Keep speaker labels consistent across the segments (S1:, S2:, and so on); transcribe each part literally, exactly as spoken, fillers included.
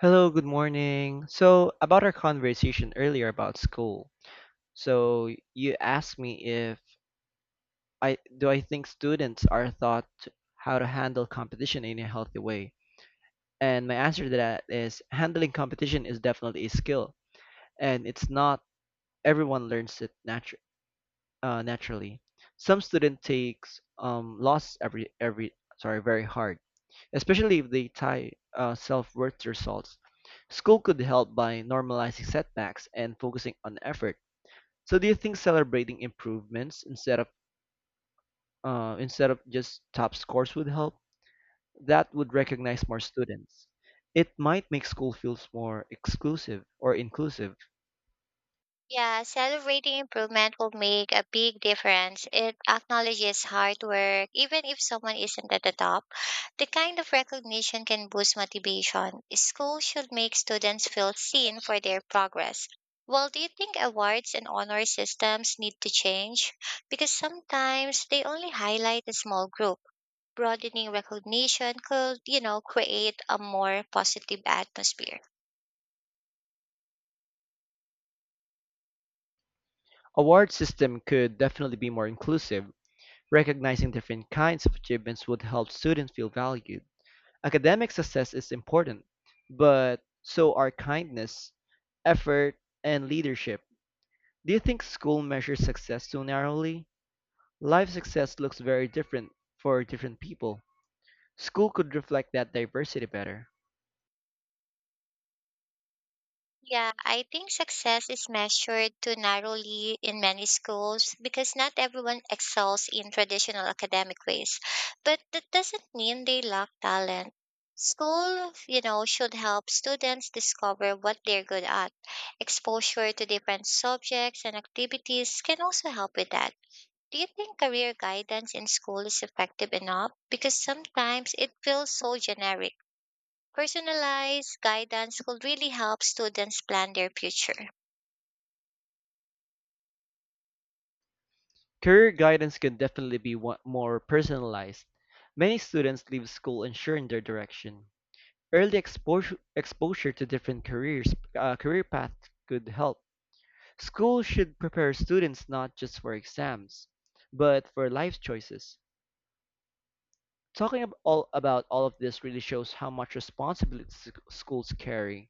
S1: Hello, good morning. So, about our conversation earlier about school. So, you asked me if I do I think students are taught how to handle competition in a healthy way. And my answer to that is handling competition is definitely a skill, and it's not everyone learns it Uh, naturally, some student takes um, loss every every sorry very hard, especially if they tie uh, self-worth to results. School could help by normalizing setbacks and focusing on effort. So, do you think celebrating improvements instead of uh, instead of just top scores would help? That would recognize more students. It might make school feels more exclusive or inclusive.
S2: Yeah, celebrating improvement will make a big difference. It acknowledges hard work, even if someone isn't at the top. The kind of recognition can boost motivation. Schools should make students feel seen for their progress. Well, do you think awards and honor systems need to change? Because sometimes they only highlight a small group. Broadening recognition could, you know, create a more positive atmosphere.
S1: Award system could definitely be more inclusive. Recognizing different kinds of achievements would help students feel valued. Academic success is important, but so are kindness, effort, and leadership. Do you think school measures success too narrowly? Life success looks very different for different people. School could reflect that diversity better.
S2: Yeah, I think success is measured too narrowly in many schools because not everyone excels in traditional academic ways. But that doesn't mean they lack talent. School, you know, should help students discover what they're good at. Exposure to different subjects and activities can also help with that. Do you think career guidance in school is effective enough? Because sometimes it feels so generic. Personalized guidance could really help students plan their future.
S1: Career guidance can definitely be wa- more personalized. Many students leave school unsure in their direction. Early exposure exposure to different careers uh, career paths could help. Schools should prepare students not just for exams, but for life choices. Talking ab- all about all of this really shows how much responsibility s- schools carry.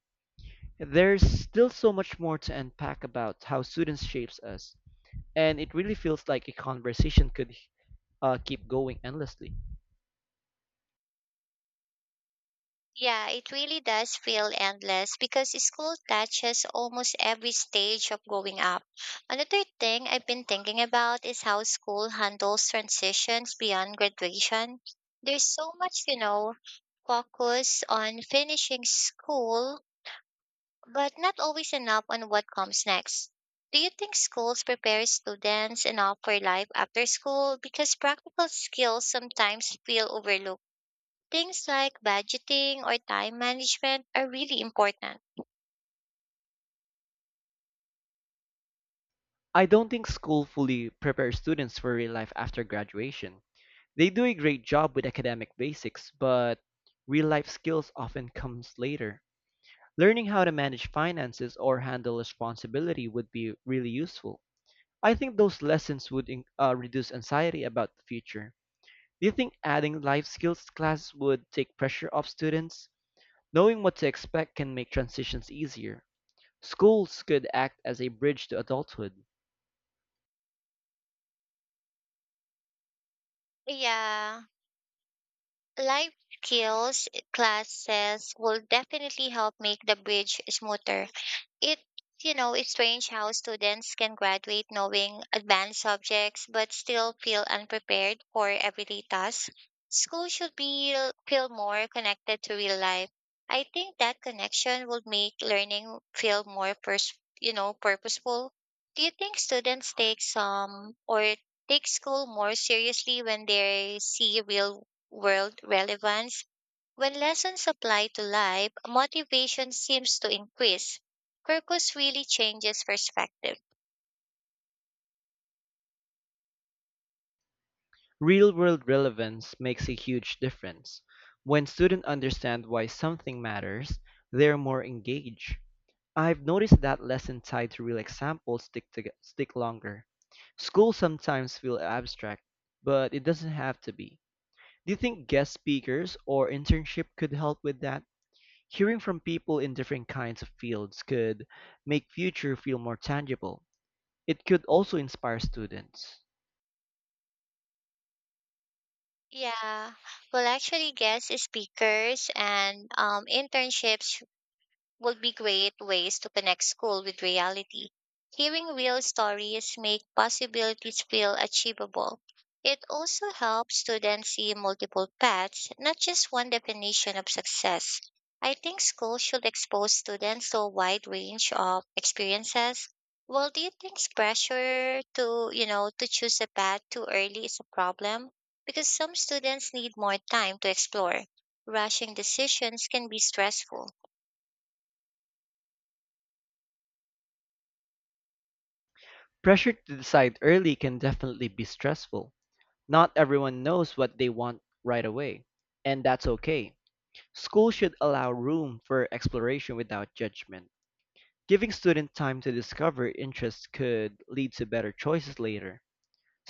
S1: There's still so much more to unpack about how students shapes us, and it really feels like a conversation could uh, keep going endlessly.
S2: Yeah, it really does feel endless because school touches almost every stage of growing up. Another thing I've been thinking about is how school handles transitions beyond graduation. There's so much, you know, focus on finishing school but not always enough on what comes next. Do you think schools prepare students enough for life after school? Because practical skills sometimes feel overlooked. Things like budgeting or time management are really important.
S1: I don't think school fully prepares students for real life after graduation. They do a great job with academic basics, but real life skills often comes later. Learning how to manage finances or handle responsibility would be really useful. I think those lessons would in- uh, reduce anxiety about the future. Do you think adding life skills class would take pressure off students? Knowing what to expect can make transitions easier. Schools could act as a bridge to adulthood.
S2: Yeah, life skills classes will definitely help make the bridge smoother. It you know it's strange how students can graduate knowing advanced subjects but still feel unprepared for everyday tasks. School should be, feel more connected to real life. I think that connection would make learning feel more pers- you know purposeful. Do you think students take some or take school more seriously when they see real world relevance? When lessons apply to life, motivation seems to increase. Kirkus really changes perspective.
S1: Real world relevance makes a huge difference. When students understand why something matters, they're more engaged. I've noticed that lessons tied to real examples stick to, stick longer. School sometimes feel abstract, but it doesn't have to be. Do you think guest speakers or internship could help with that? Hearing from people in different kinds of fields could make future feel more tangible. It could also inspire students.
S2: Yeah. Well, actually, guest speakers and um, internships would be great ways to connect school with reality. Hearing real stories make possibilities feel achievable. It also helps students see multiple paths, not just one definition of success. I think school should expose students to a wide range of experiences. Well, do you think pressure to, you know, to choose a path too early is a problem? Because some students need more time to explore. Rushing decisions can be stressful.
S1: Pressure to decide early can definitely be stressful. Not everyone knows what they want right away, and that's okay. School should allow room for exploration without judgment. Giving students time to discover interests could lead to better choices later.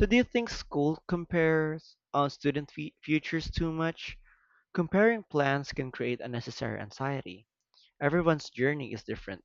S1: So, do you think school compares on student fe- futures too much? Comparing plans can create unnecessary anxiety. Everyone's journey is different.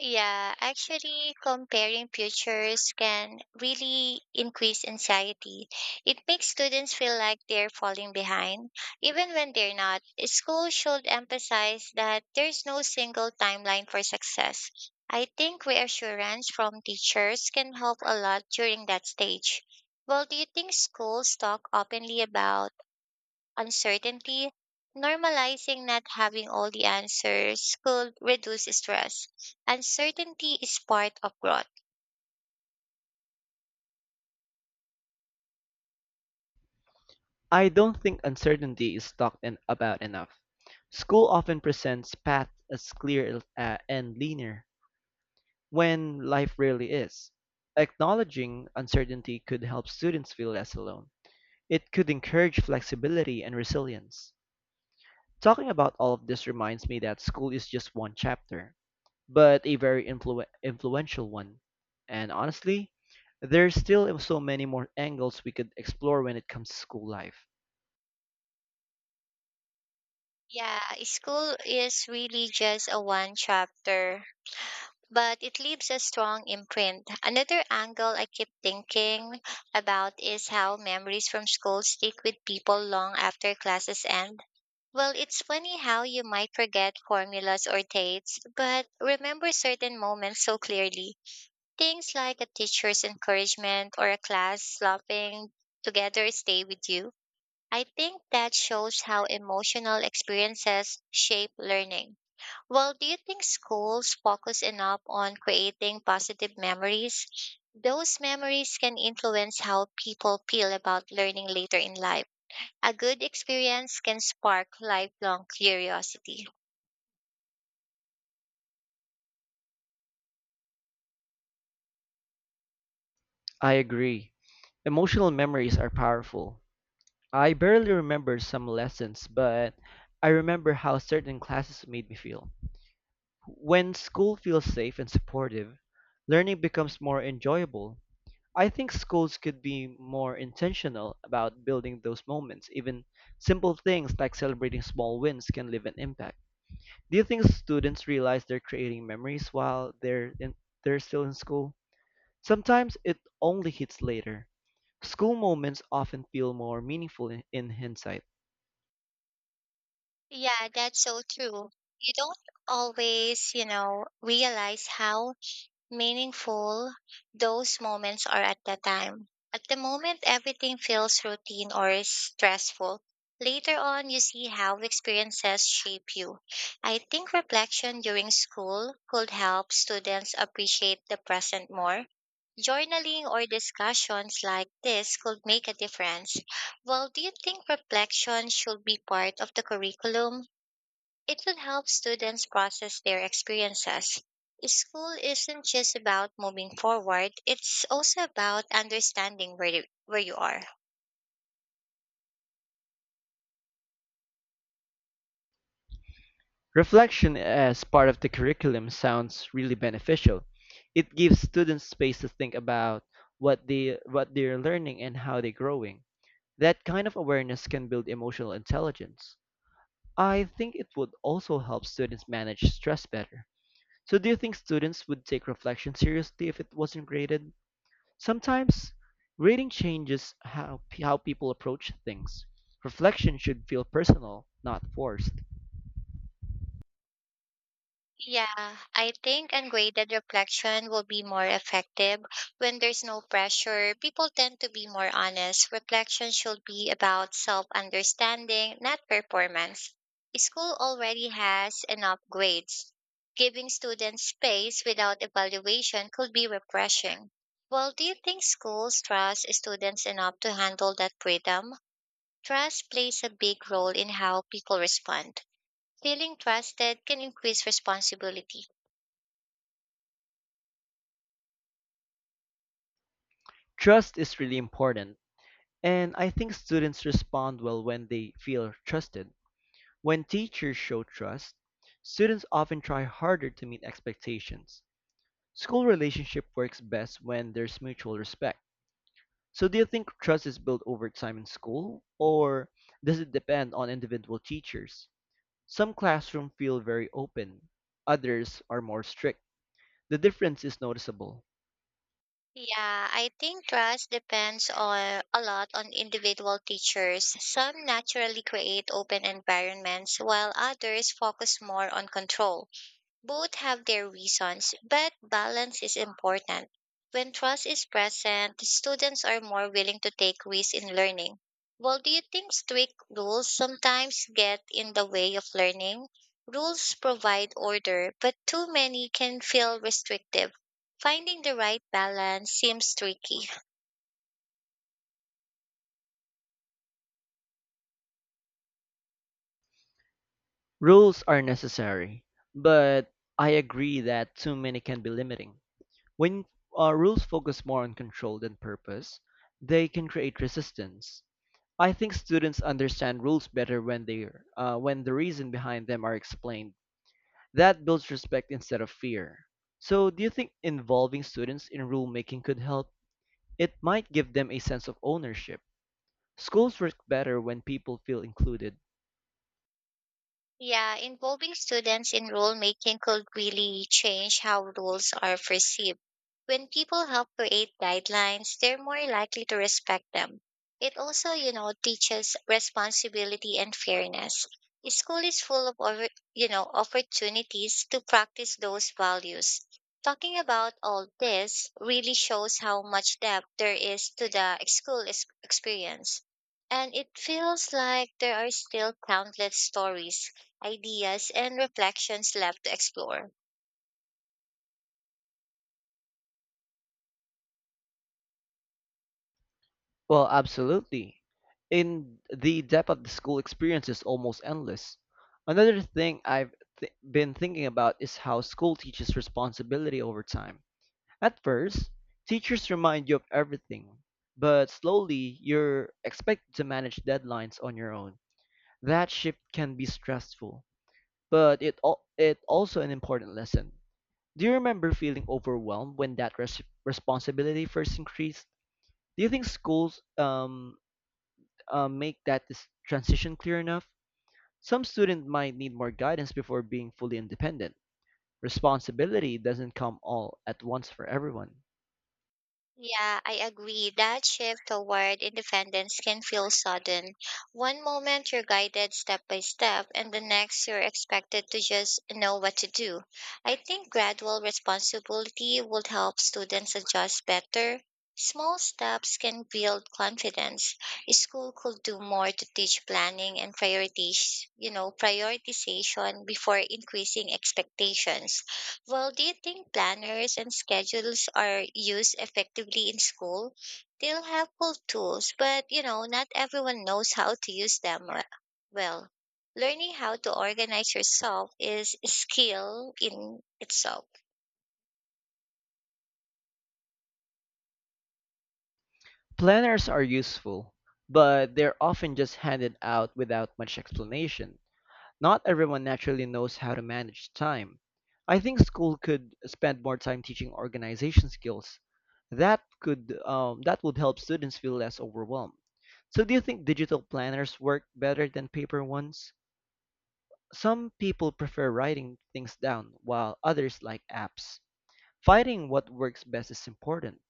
S2: Yeah, actually, comparing futures can really increase anxiety. It makes students feel like they're falling behind, even when they're not. School should emphasize that there's no single timeline for success. I think reassurance from teachers can help a lot during that stage. Well, do you think schools talk openly about uncertainty? Normalizing not having all the answers could reduce stress. Uncertainty is part of growth.
S1: I don't think uncertainty is talked in- about enough. School often presents paths as clear uh, and linear, when life really is. Acknowledging uncertainty could help students feel less alone. It could encourage flexibility and resilience. Talking about all of this reminds me that school is just one chapter, but a very influ- influential one. And honestly, there's still so many more angles we could explore when it comes to school life.
S2: Yeah, school is really just a one chapter, but it leaves a strong imprint. Another angle I keep thinking about is how memories from school stick with people long after classes end. Well, it's funny how you might forget formulas or dates, but remember certain moments so clearly. Things like a teacher's encouragement or a class laughing together stay with you. I think that shows how emotional experiences shape learning. Well, do you think schools focus enough on creating positive memories? Those memories can influence how people feel about learning later in life. A good experience can spark lifelong curiosity.
S1: I agree. Emotional memories are powerful. I barely remember some lessons, but I remember how certain classes made me feel. When school feels safe and supportive, learning becomes more enjoyable. I think schools could be more intentional about building those moments. Even simple things like celebrating small wins can leave an impact. Do you think students realize they're creating memories while they're in, they're still in school? Sometimes it only hits later. School moments often feel more meaningful in, in hindsight.
S2: Yeah, that's so true. You don't always, you know, realize how meaningful those moments are at the time. At the moment, everything feels routine or stressful. Later on, you see how experiences shape you. I think reflection during school could help students appreciate the present more. Journaling or discussions like this could make a difference. Well, do you think reflection should be part of the curriculum? It would help students process their experiences. School isn't just about moving forward, it's also about understanding where you, where you are.
S1: Reflection as part of the curriculum sounds really beneficial. It gives students space to think about what they what they're learning and how they're growing. That kind of awareness can build emotional intelligence. I think it would also help students manage stress better. So do you think students would take reflection seriously if it wasn't graded? Sometimes grading changes how how people approach things. Reflection should feel personal, not forced.
S2: Yeah, I think ungraded reflection will be more effective when there's no pressure. People tend to be more honest. Reflection should be about self understanding, not performance. School already has enough grades. Giving students space without evaluation could be refreshing. Well, do you think schools trust students enough to handle that freedom? Trust plays a big role in how people respond. Feeling trusted can increase responsibility.
S1: Trust is really important. And I think students respond well when they feel trusted. When teachers show trust, students often try harder to meet expectations. School relationship works best when there's mutual respect. So do you think trust is built over time in school or does it depend on individual teachers? Some classrooms feel very open, others are more strict. The difference is noticeable.
S2: Yeah, I think trust depends on a lot on individual teachers. Some naturally create open environments while others focus more on control. Both have their reasons, but balance is important. When trust is present, students are more willing to take risks in learning. Well, do you think strict rules sometimes get in the way of learning? Rules provide order, but too many can feel restrictive. Finding the right balance seems tricky.
S1: Rules are necessary, but I agree that too many can be limiting. When uh, rules focus more on control than purpose, they can create resistance. I think students understand rules better when they uh, when the reason behind them are explained. That builds respect instead of fear. So, do you think involving students in rule making could help? It might give them a sense of ownership. Schools work better when people feel included.
S2: Yeah, involving students in rule making could really change how rules are perceived. When people help create guidelines, they're more likely to respect them. It also, you know, teaches responsibility and fairness. School is full of, over- you know, opportunities to practice those values. Talking about all this really shows how much depth there is to the school ex- experience. And it feels like there are still countless stories, ideas and reflections left to explore.
S1: Well, absolutely. In the depth of the school experience is almost endless. Another thing I've th- been thinking about is how school teaches responsibility over time. At first, teachers remind you of everything, but slowly you're expected to manage deadlines on your own. That shift can be stressful, but it al- it also an important lesson. Do you remember feeling overwhelmed when that res- responsibility first increased? Do you think schools um um, make that dis- transition clear enough, some students might need more guidance before being fully independent. Responsibility doesn't come all at once for everyone.
S2: Yeah, I agree. That shift toward independence can feel sudden. One moment you're guided step by step, and the next you're expected to just know what to do. I think gradual responsibility would help students adjust better. Small steps can build confidence. A school could do more to teach planning and priorities, you know, prioritization before increasing expectations. Well, do you think planners and schedules are used effectively in school? They're helpful tools, but you know, not everyone knows how to use them we- well. Learning how to organize yourself is a skill in itself.
S1: Planners are useful, but they're often just handed out without much explanation. Not everyone naturally knows how to manage time. I think school could spend more time teaching organization skills. That could um, that would help students feel less overwhelmed. So do you think digital planners work better than paper ones? Some people prefer writing things down, while others like apps. Finding what works best is important.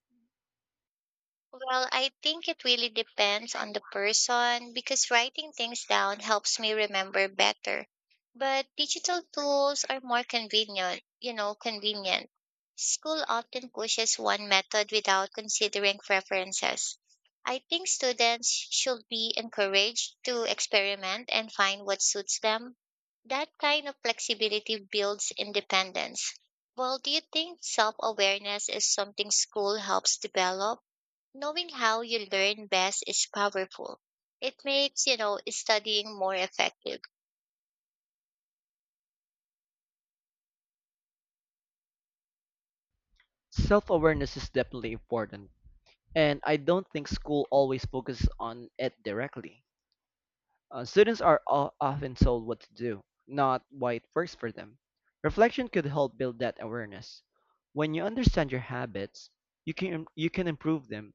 S2: Well, I think it really depends on the person because writing things down helps me remember better. But digital tools are more convenient, you know, convenient. School often pushes one method without considering preferences. I think students should be encouraged to experiment and find what suits them. That kind of flexibility builds independence. Well, do you think self awareness is something school helps develop? Knowing how you learn best is powerful. It makes, you know, studying more effective.
S1: Self awareness is definitely important, and I don't think school always focuses on it directly. Uh, students are o- often told what to do, not why it works for them. Reflection could help build that awareness. When you understand your habits, you can you can improve them.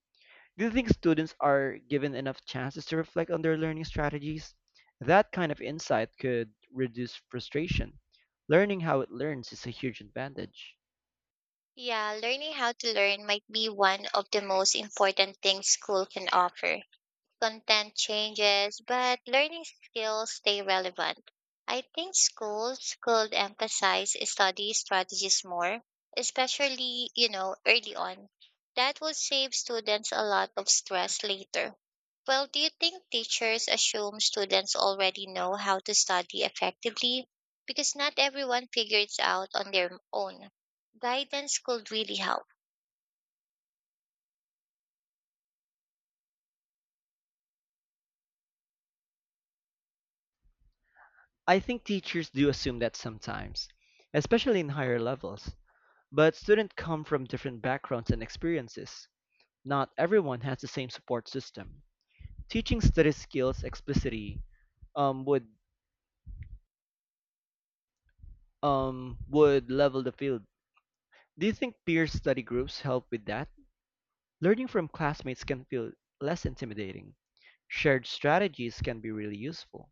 S1: Do you think students are given enough chances to reflect on their learning strategies? That kind of insight could reduce frustration. Learning how it learns is a huge advantage.
S2: Yeah, learning how to learn might be one of the most important things school can offer. Content changes, but learning skills stay relevant. I think schools could emphasize study strategies more, especially, you know, early on. That will save students a lot of stress later. Well, do you think teachers assume students already know how to study effectively? Because not everyone figures out on their own. Guidance could really help.
S1: I think teachers do assume that sometimes, especially in higher levels, but students come from different backgrounds and experiences. Not everyone has the same support system. Teaching study skills explicitly um, would um, would level the field. Do you think peer study groups help with that? Learning from classmates can feel less intimidating. Shared strategies can be really useful.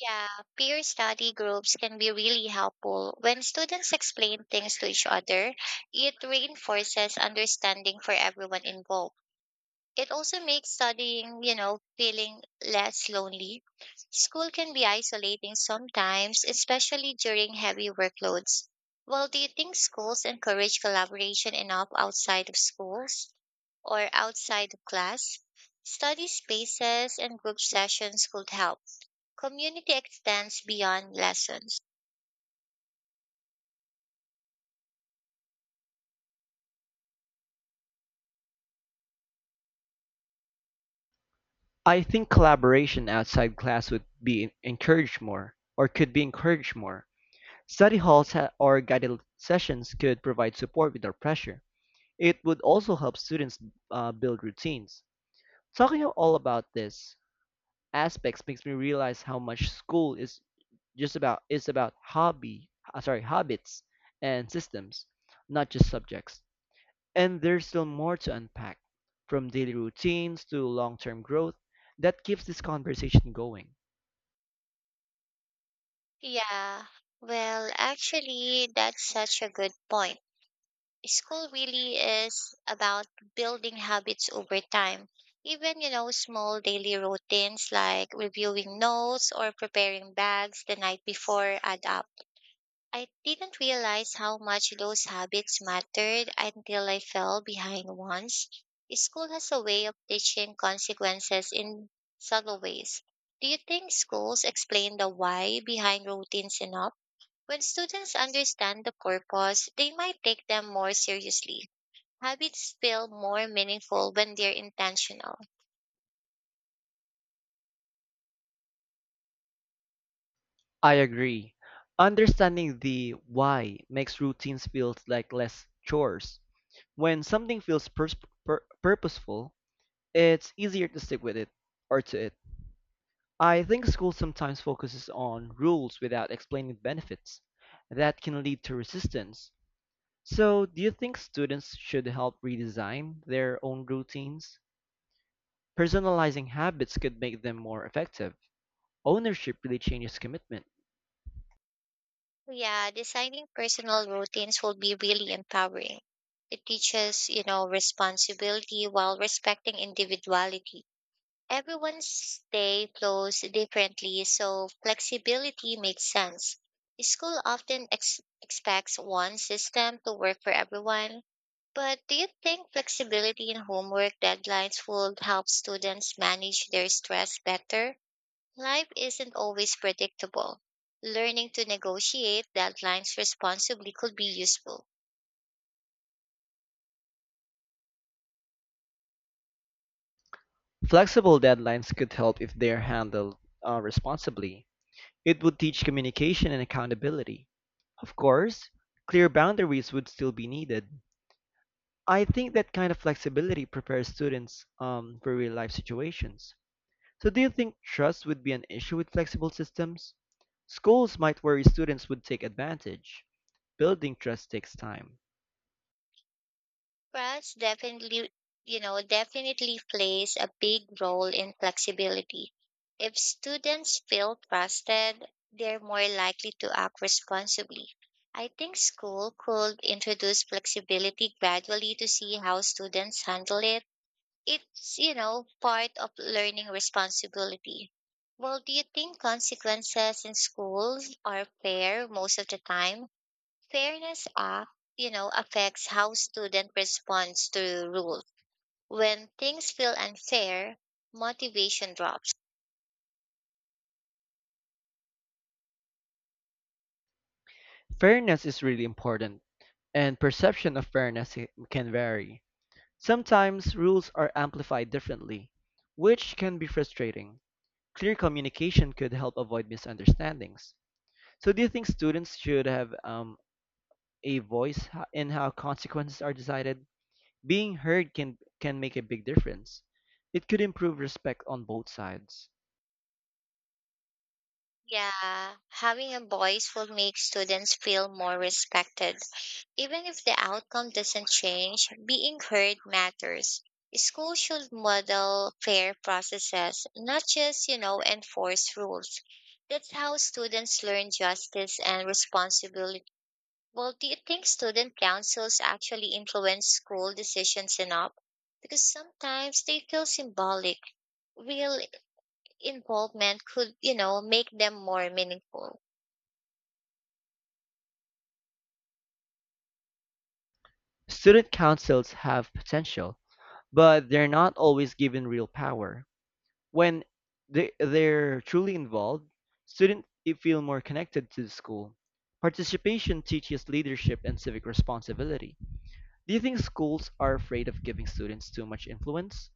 S2: Yeah, peer study groups can be really helpful. When students explain things to each other, it reinforces understanding for everyone involved. It also makes studying, you know, feeling less lonely. School can be isolating sometimes, especially during heavy workloads. Well, do you think schools encourage collaboration enough outside of schools or outside of class? Study spaces and group sessions could help. Community extends beyond lessons.
S1: I think collaboration outside class would be en- encouraged more, or could be encouraged more. Study halls ha- or guided sessions could provide support without pressure. It would also help students uh, build routines. Talking all about this aspects makes me realize how much school is just about is about hobby, uh, sorry, habits and systems, not just subjects. And there's still more to unpack, from daily routines to long term growth, that keeps this conversation going.
S2: Yeah, well, actually, that's such a good point. School really is about building habits over time. Even, you know, small daily routines like reviewing notes or preparing bags the night before add up. I didn't realize how much those habits mattered until I fell behind once. School has a way of teaching consequences in subtle ways. Do you think schools explain the why behind routines enough? When students understand the purpose, they might take them more seriously. Habits feel more meaningful when they're intentional.
S1: I agree. Understanding the why makes routines feel like less chores. When something feels pers- pur- purposeful, it's easier to stick with it or to it. I think school sometimes focuses on rules without explaining benefits. That can lead to resistance. So, do you think students should help redesign their own routines? Personalizing habits could make them more effective. Ownership really changes commitment.
S2: Yeah, designing personal routines will be really empowering. It teaches, you know, responsibility while respecting individuality. Everyone's day flows differently, so flexibility makes sense. School often ex- expects one system to work for everyone, but do you think flexibility in homework deadlines will help students manage their stress better? Life isn't always predictable. Learning to negotiate deadlines responsibly could be useful.
S1: Flexible deadlines could help if they're handled uh, responsibly. It would teach communication and accountability. Of course, clear boundaries would still be needed. I think that kind of flexibility prepares students um, for real life situations. So, do you think trust would be an issue with flexible systems? Schools might worry students would take advantage. Building trust takes time.
S2: Trust definitely, you know, definitely plays a big role in flexibility. If students feel trusted, they're more likely to act responsibly. I think school could introduce flexibility gradually to see how students handle it. It's you know part of learning responsibility. Well, do you think consequences in schools are fair most of the time? Fairness act you know affects how student responds to rules. When things feel unfair, motivation drops.
S1: Fairness is really important, and perception of fairness i- can vary. Sometimes rules are amplified differently, which can be frustrating. Clear communication could help avoid misunderstandings. So, do you think students should have um, a voice ho- in how consequences are decided? Being heard can can make a big difference. It could improve respect on both sides.
S2: Yeah, having a voice will make students feel more respected. Even if the outcome doesn't change, being heard matters. Schools should model fair processes, not just, you know, enforce rules. That's how students learn justice and responsibility. Well, do you think student councils actually influence school decisions enough? Because sometimes they feel symbolic. Real involvement could, you know, make them more meaningful.
S1: Student councils have potential, but they're not always given real power. When they, they're truly involved, students eh, feel more connected to the school. Participation teaches leadership and civic responsibility. Do you think schools are afraid of giving students too much influence?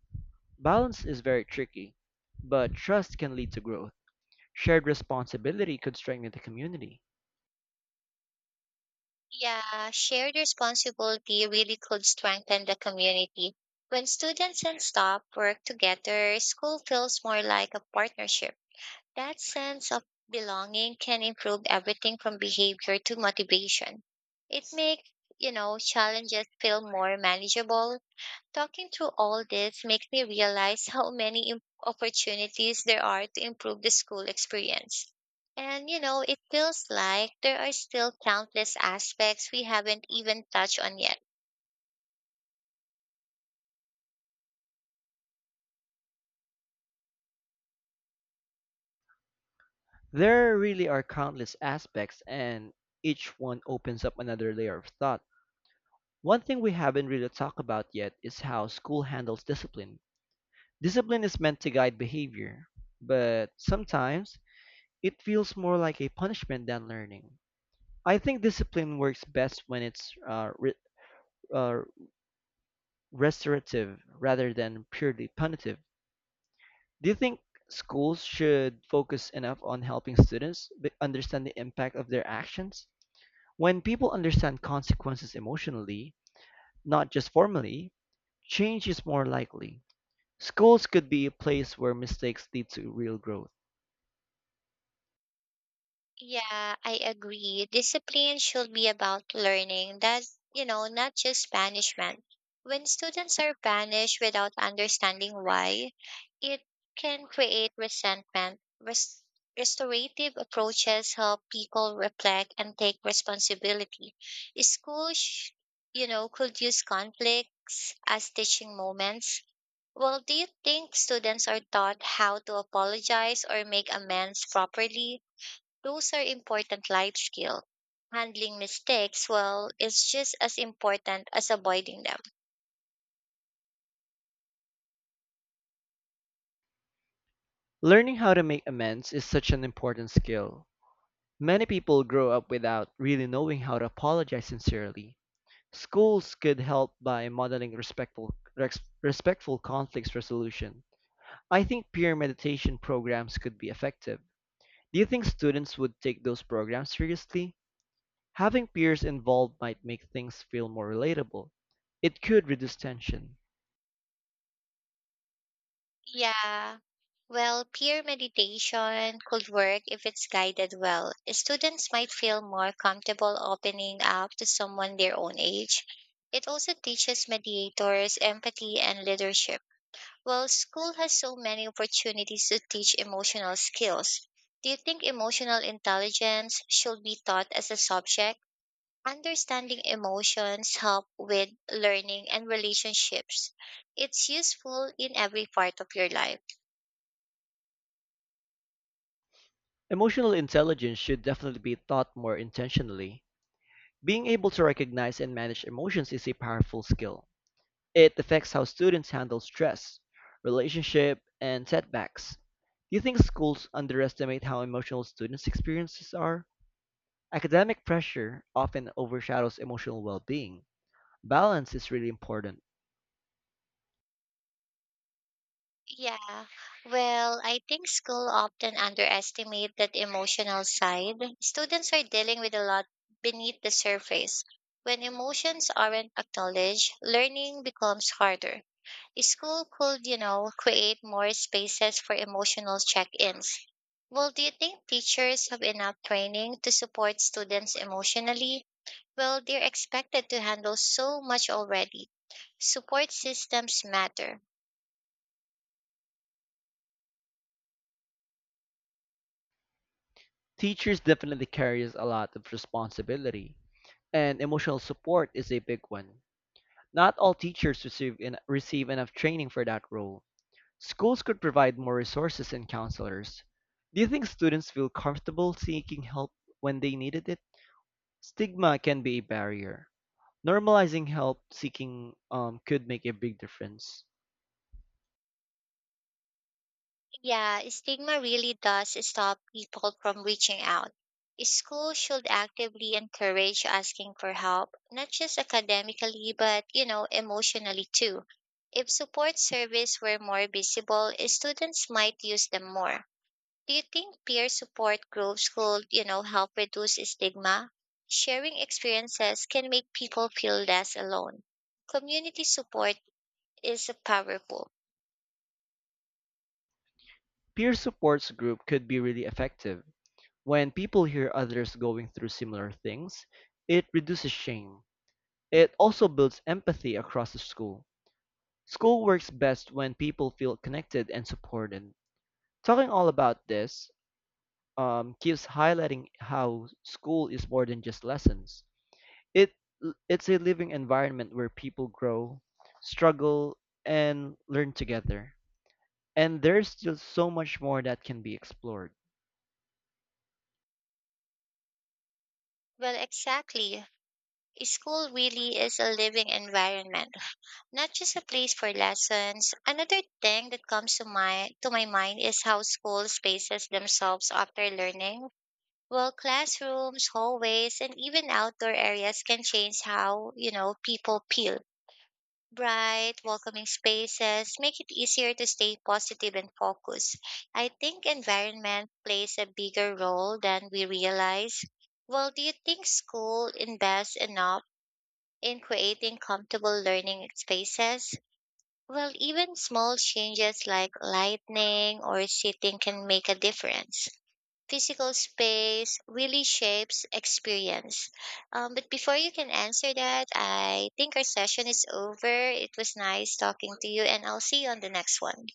S1: Balance is very tricky, but trust can lead to growth. Shared responsibility could strengthen the community.
S2: Yeah, shared responsibility really could strengthen the community. When students and staff work together, school feels more like a partnership. That sense of belonging can improve everything from behavior to motivation. It makes, you know, challenges feel more manageable. Talking through all this makes me realize how many im- opportunities there are to improve the school experience. And you know, it feels like there are still countless aspects we haven't even touched on yet.
S1: There really are countless aspects, and each one opens up another layer of thought. One thing we haven't really talked about yet is how school handles discipline. Discipline is meant to guide behavior, but sometimes it feels more like a punishment than learning. I think discipline works best when it's uh, re- uh, restorative rather than purely punitive. Do you think schools should focus enough on helping students be- understand the impact of their actions? When people understand consequences emotionally, not just formally, change is more likely. Schools could be a place where mistakes lead to real growth.
S2: Yeah, I agree. Discipline should be about learning that, you know, not just punishment. When students are punished without understanding why, it can create resentment. Res- restorative approaches help people reflect and take responsibility. Schools, sh- you know, could use conflicts as teaching moments. Well, do you think students are taught how to apologize or make amends properly? Those are important life skills. Handling mistakes, well, is just as important as avoiding them.
S1: Learning how to make amends is such an important skill. Many people grow up without really knowing how to apologize sincerely. Schools could help by modeling respectful, res- respectful conflicts resolution. I think peer meditation programs could be effective. Do you think students would take those programs seriously? Having peers involved might make things feel more relatable. It could reduce tension.
S2: Yeah. Well, peer meditation could work if it's guided well. Students might feel more comfortable opening up to someone their own age. It also teaches mediators empathy and leadership. Well, school has so many opportunities to teach emotional skills. Do you think emotional intelligence should be taught as a subject? Understanding emotions help with learning and relationships. It's useful in every part of your life.
S1: Emotional intelligence should definitely be taught more intentionally. Being able to recognize and manage emotions is a powerful skill. It affects how students handle stress, relationship, and setbacks. Do you think schools underestimate how emotional students' experiences are? Academic pressure often overshadows emotional well-being. Balance is really important.
S2: Yeah. Well, I think school often underestimate that emotional side. Students are dealing with a lot beneath the surface. When emotions aren't acknowledged, learning becomes harder. School could, you know, create more spaces for emotional check-ins. Well, do you think teachers have enough training to support students emotionally? Well, they're expected to handle so much already. Support systems matter.
S1: Teachers definitely carries a lot of responsibility, and emotional support is a big one. Not all teachers receive en- receive enough training for that role. Schools could provide more resources and counselors. Do you think students feel comfortable seeking help when they needed it? Stigma can be a barrier. Normalizing help seeking um, could make a big difference.
S2: Yeah, stigma really does stop people from reaching out. School should actively encourage asking for help, not just academically, but, you know, emotionally too. If support service were more visible, students might use them more. Do you think peer support groups could, you know, help reduce stigma? Sharing experiences can make people feel less alone. Community support is powerful.
S1: Peer supports group could be really effective. When people hear others going through similar things, it reduces shame. It also builds empathy across the school. School works best when people feel connected and supported. Talking all about this, um, keeps highlighting how school is more than just lessons. It it's a living environment where people grow, struggle, and learn together. And there's still so much more that can be explored.
S2: Well, exactly. School really is a living environment, not just a place for lessons. Another thing that comes to my to my mind is how school spaces themselves after learning. Well, classrooms, hallways, and even outdoor areas can change how, you know, people feel. Bright, welcoming spaces make it easier to stay positive and focused. I think environment plays a bigger role than we realize. Well, do you think school invests enough in creating comfortable learning spaces? Well, even small changes like lighting or seating can make a difference. Physical space really shapes experience. Um, but before you can answer that, I think our session is over. It was nice talking to you, and I'll see you on the next one.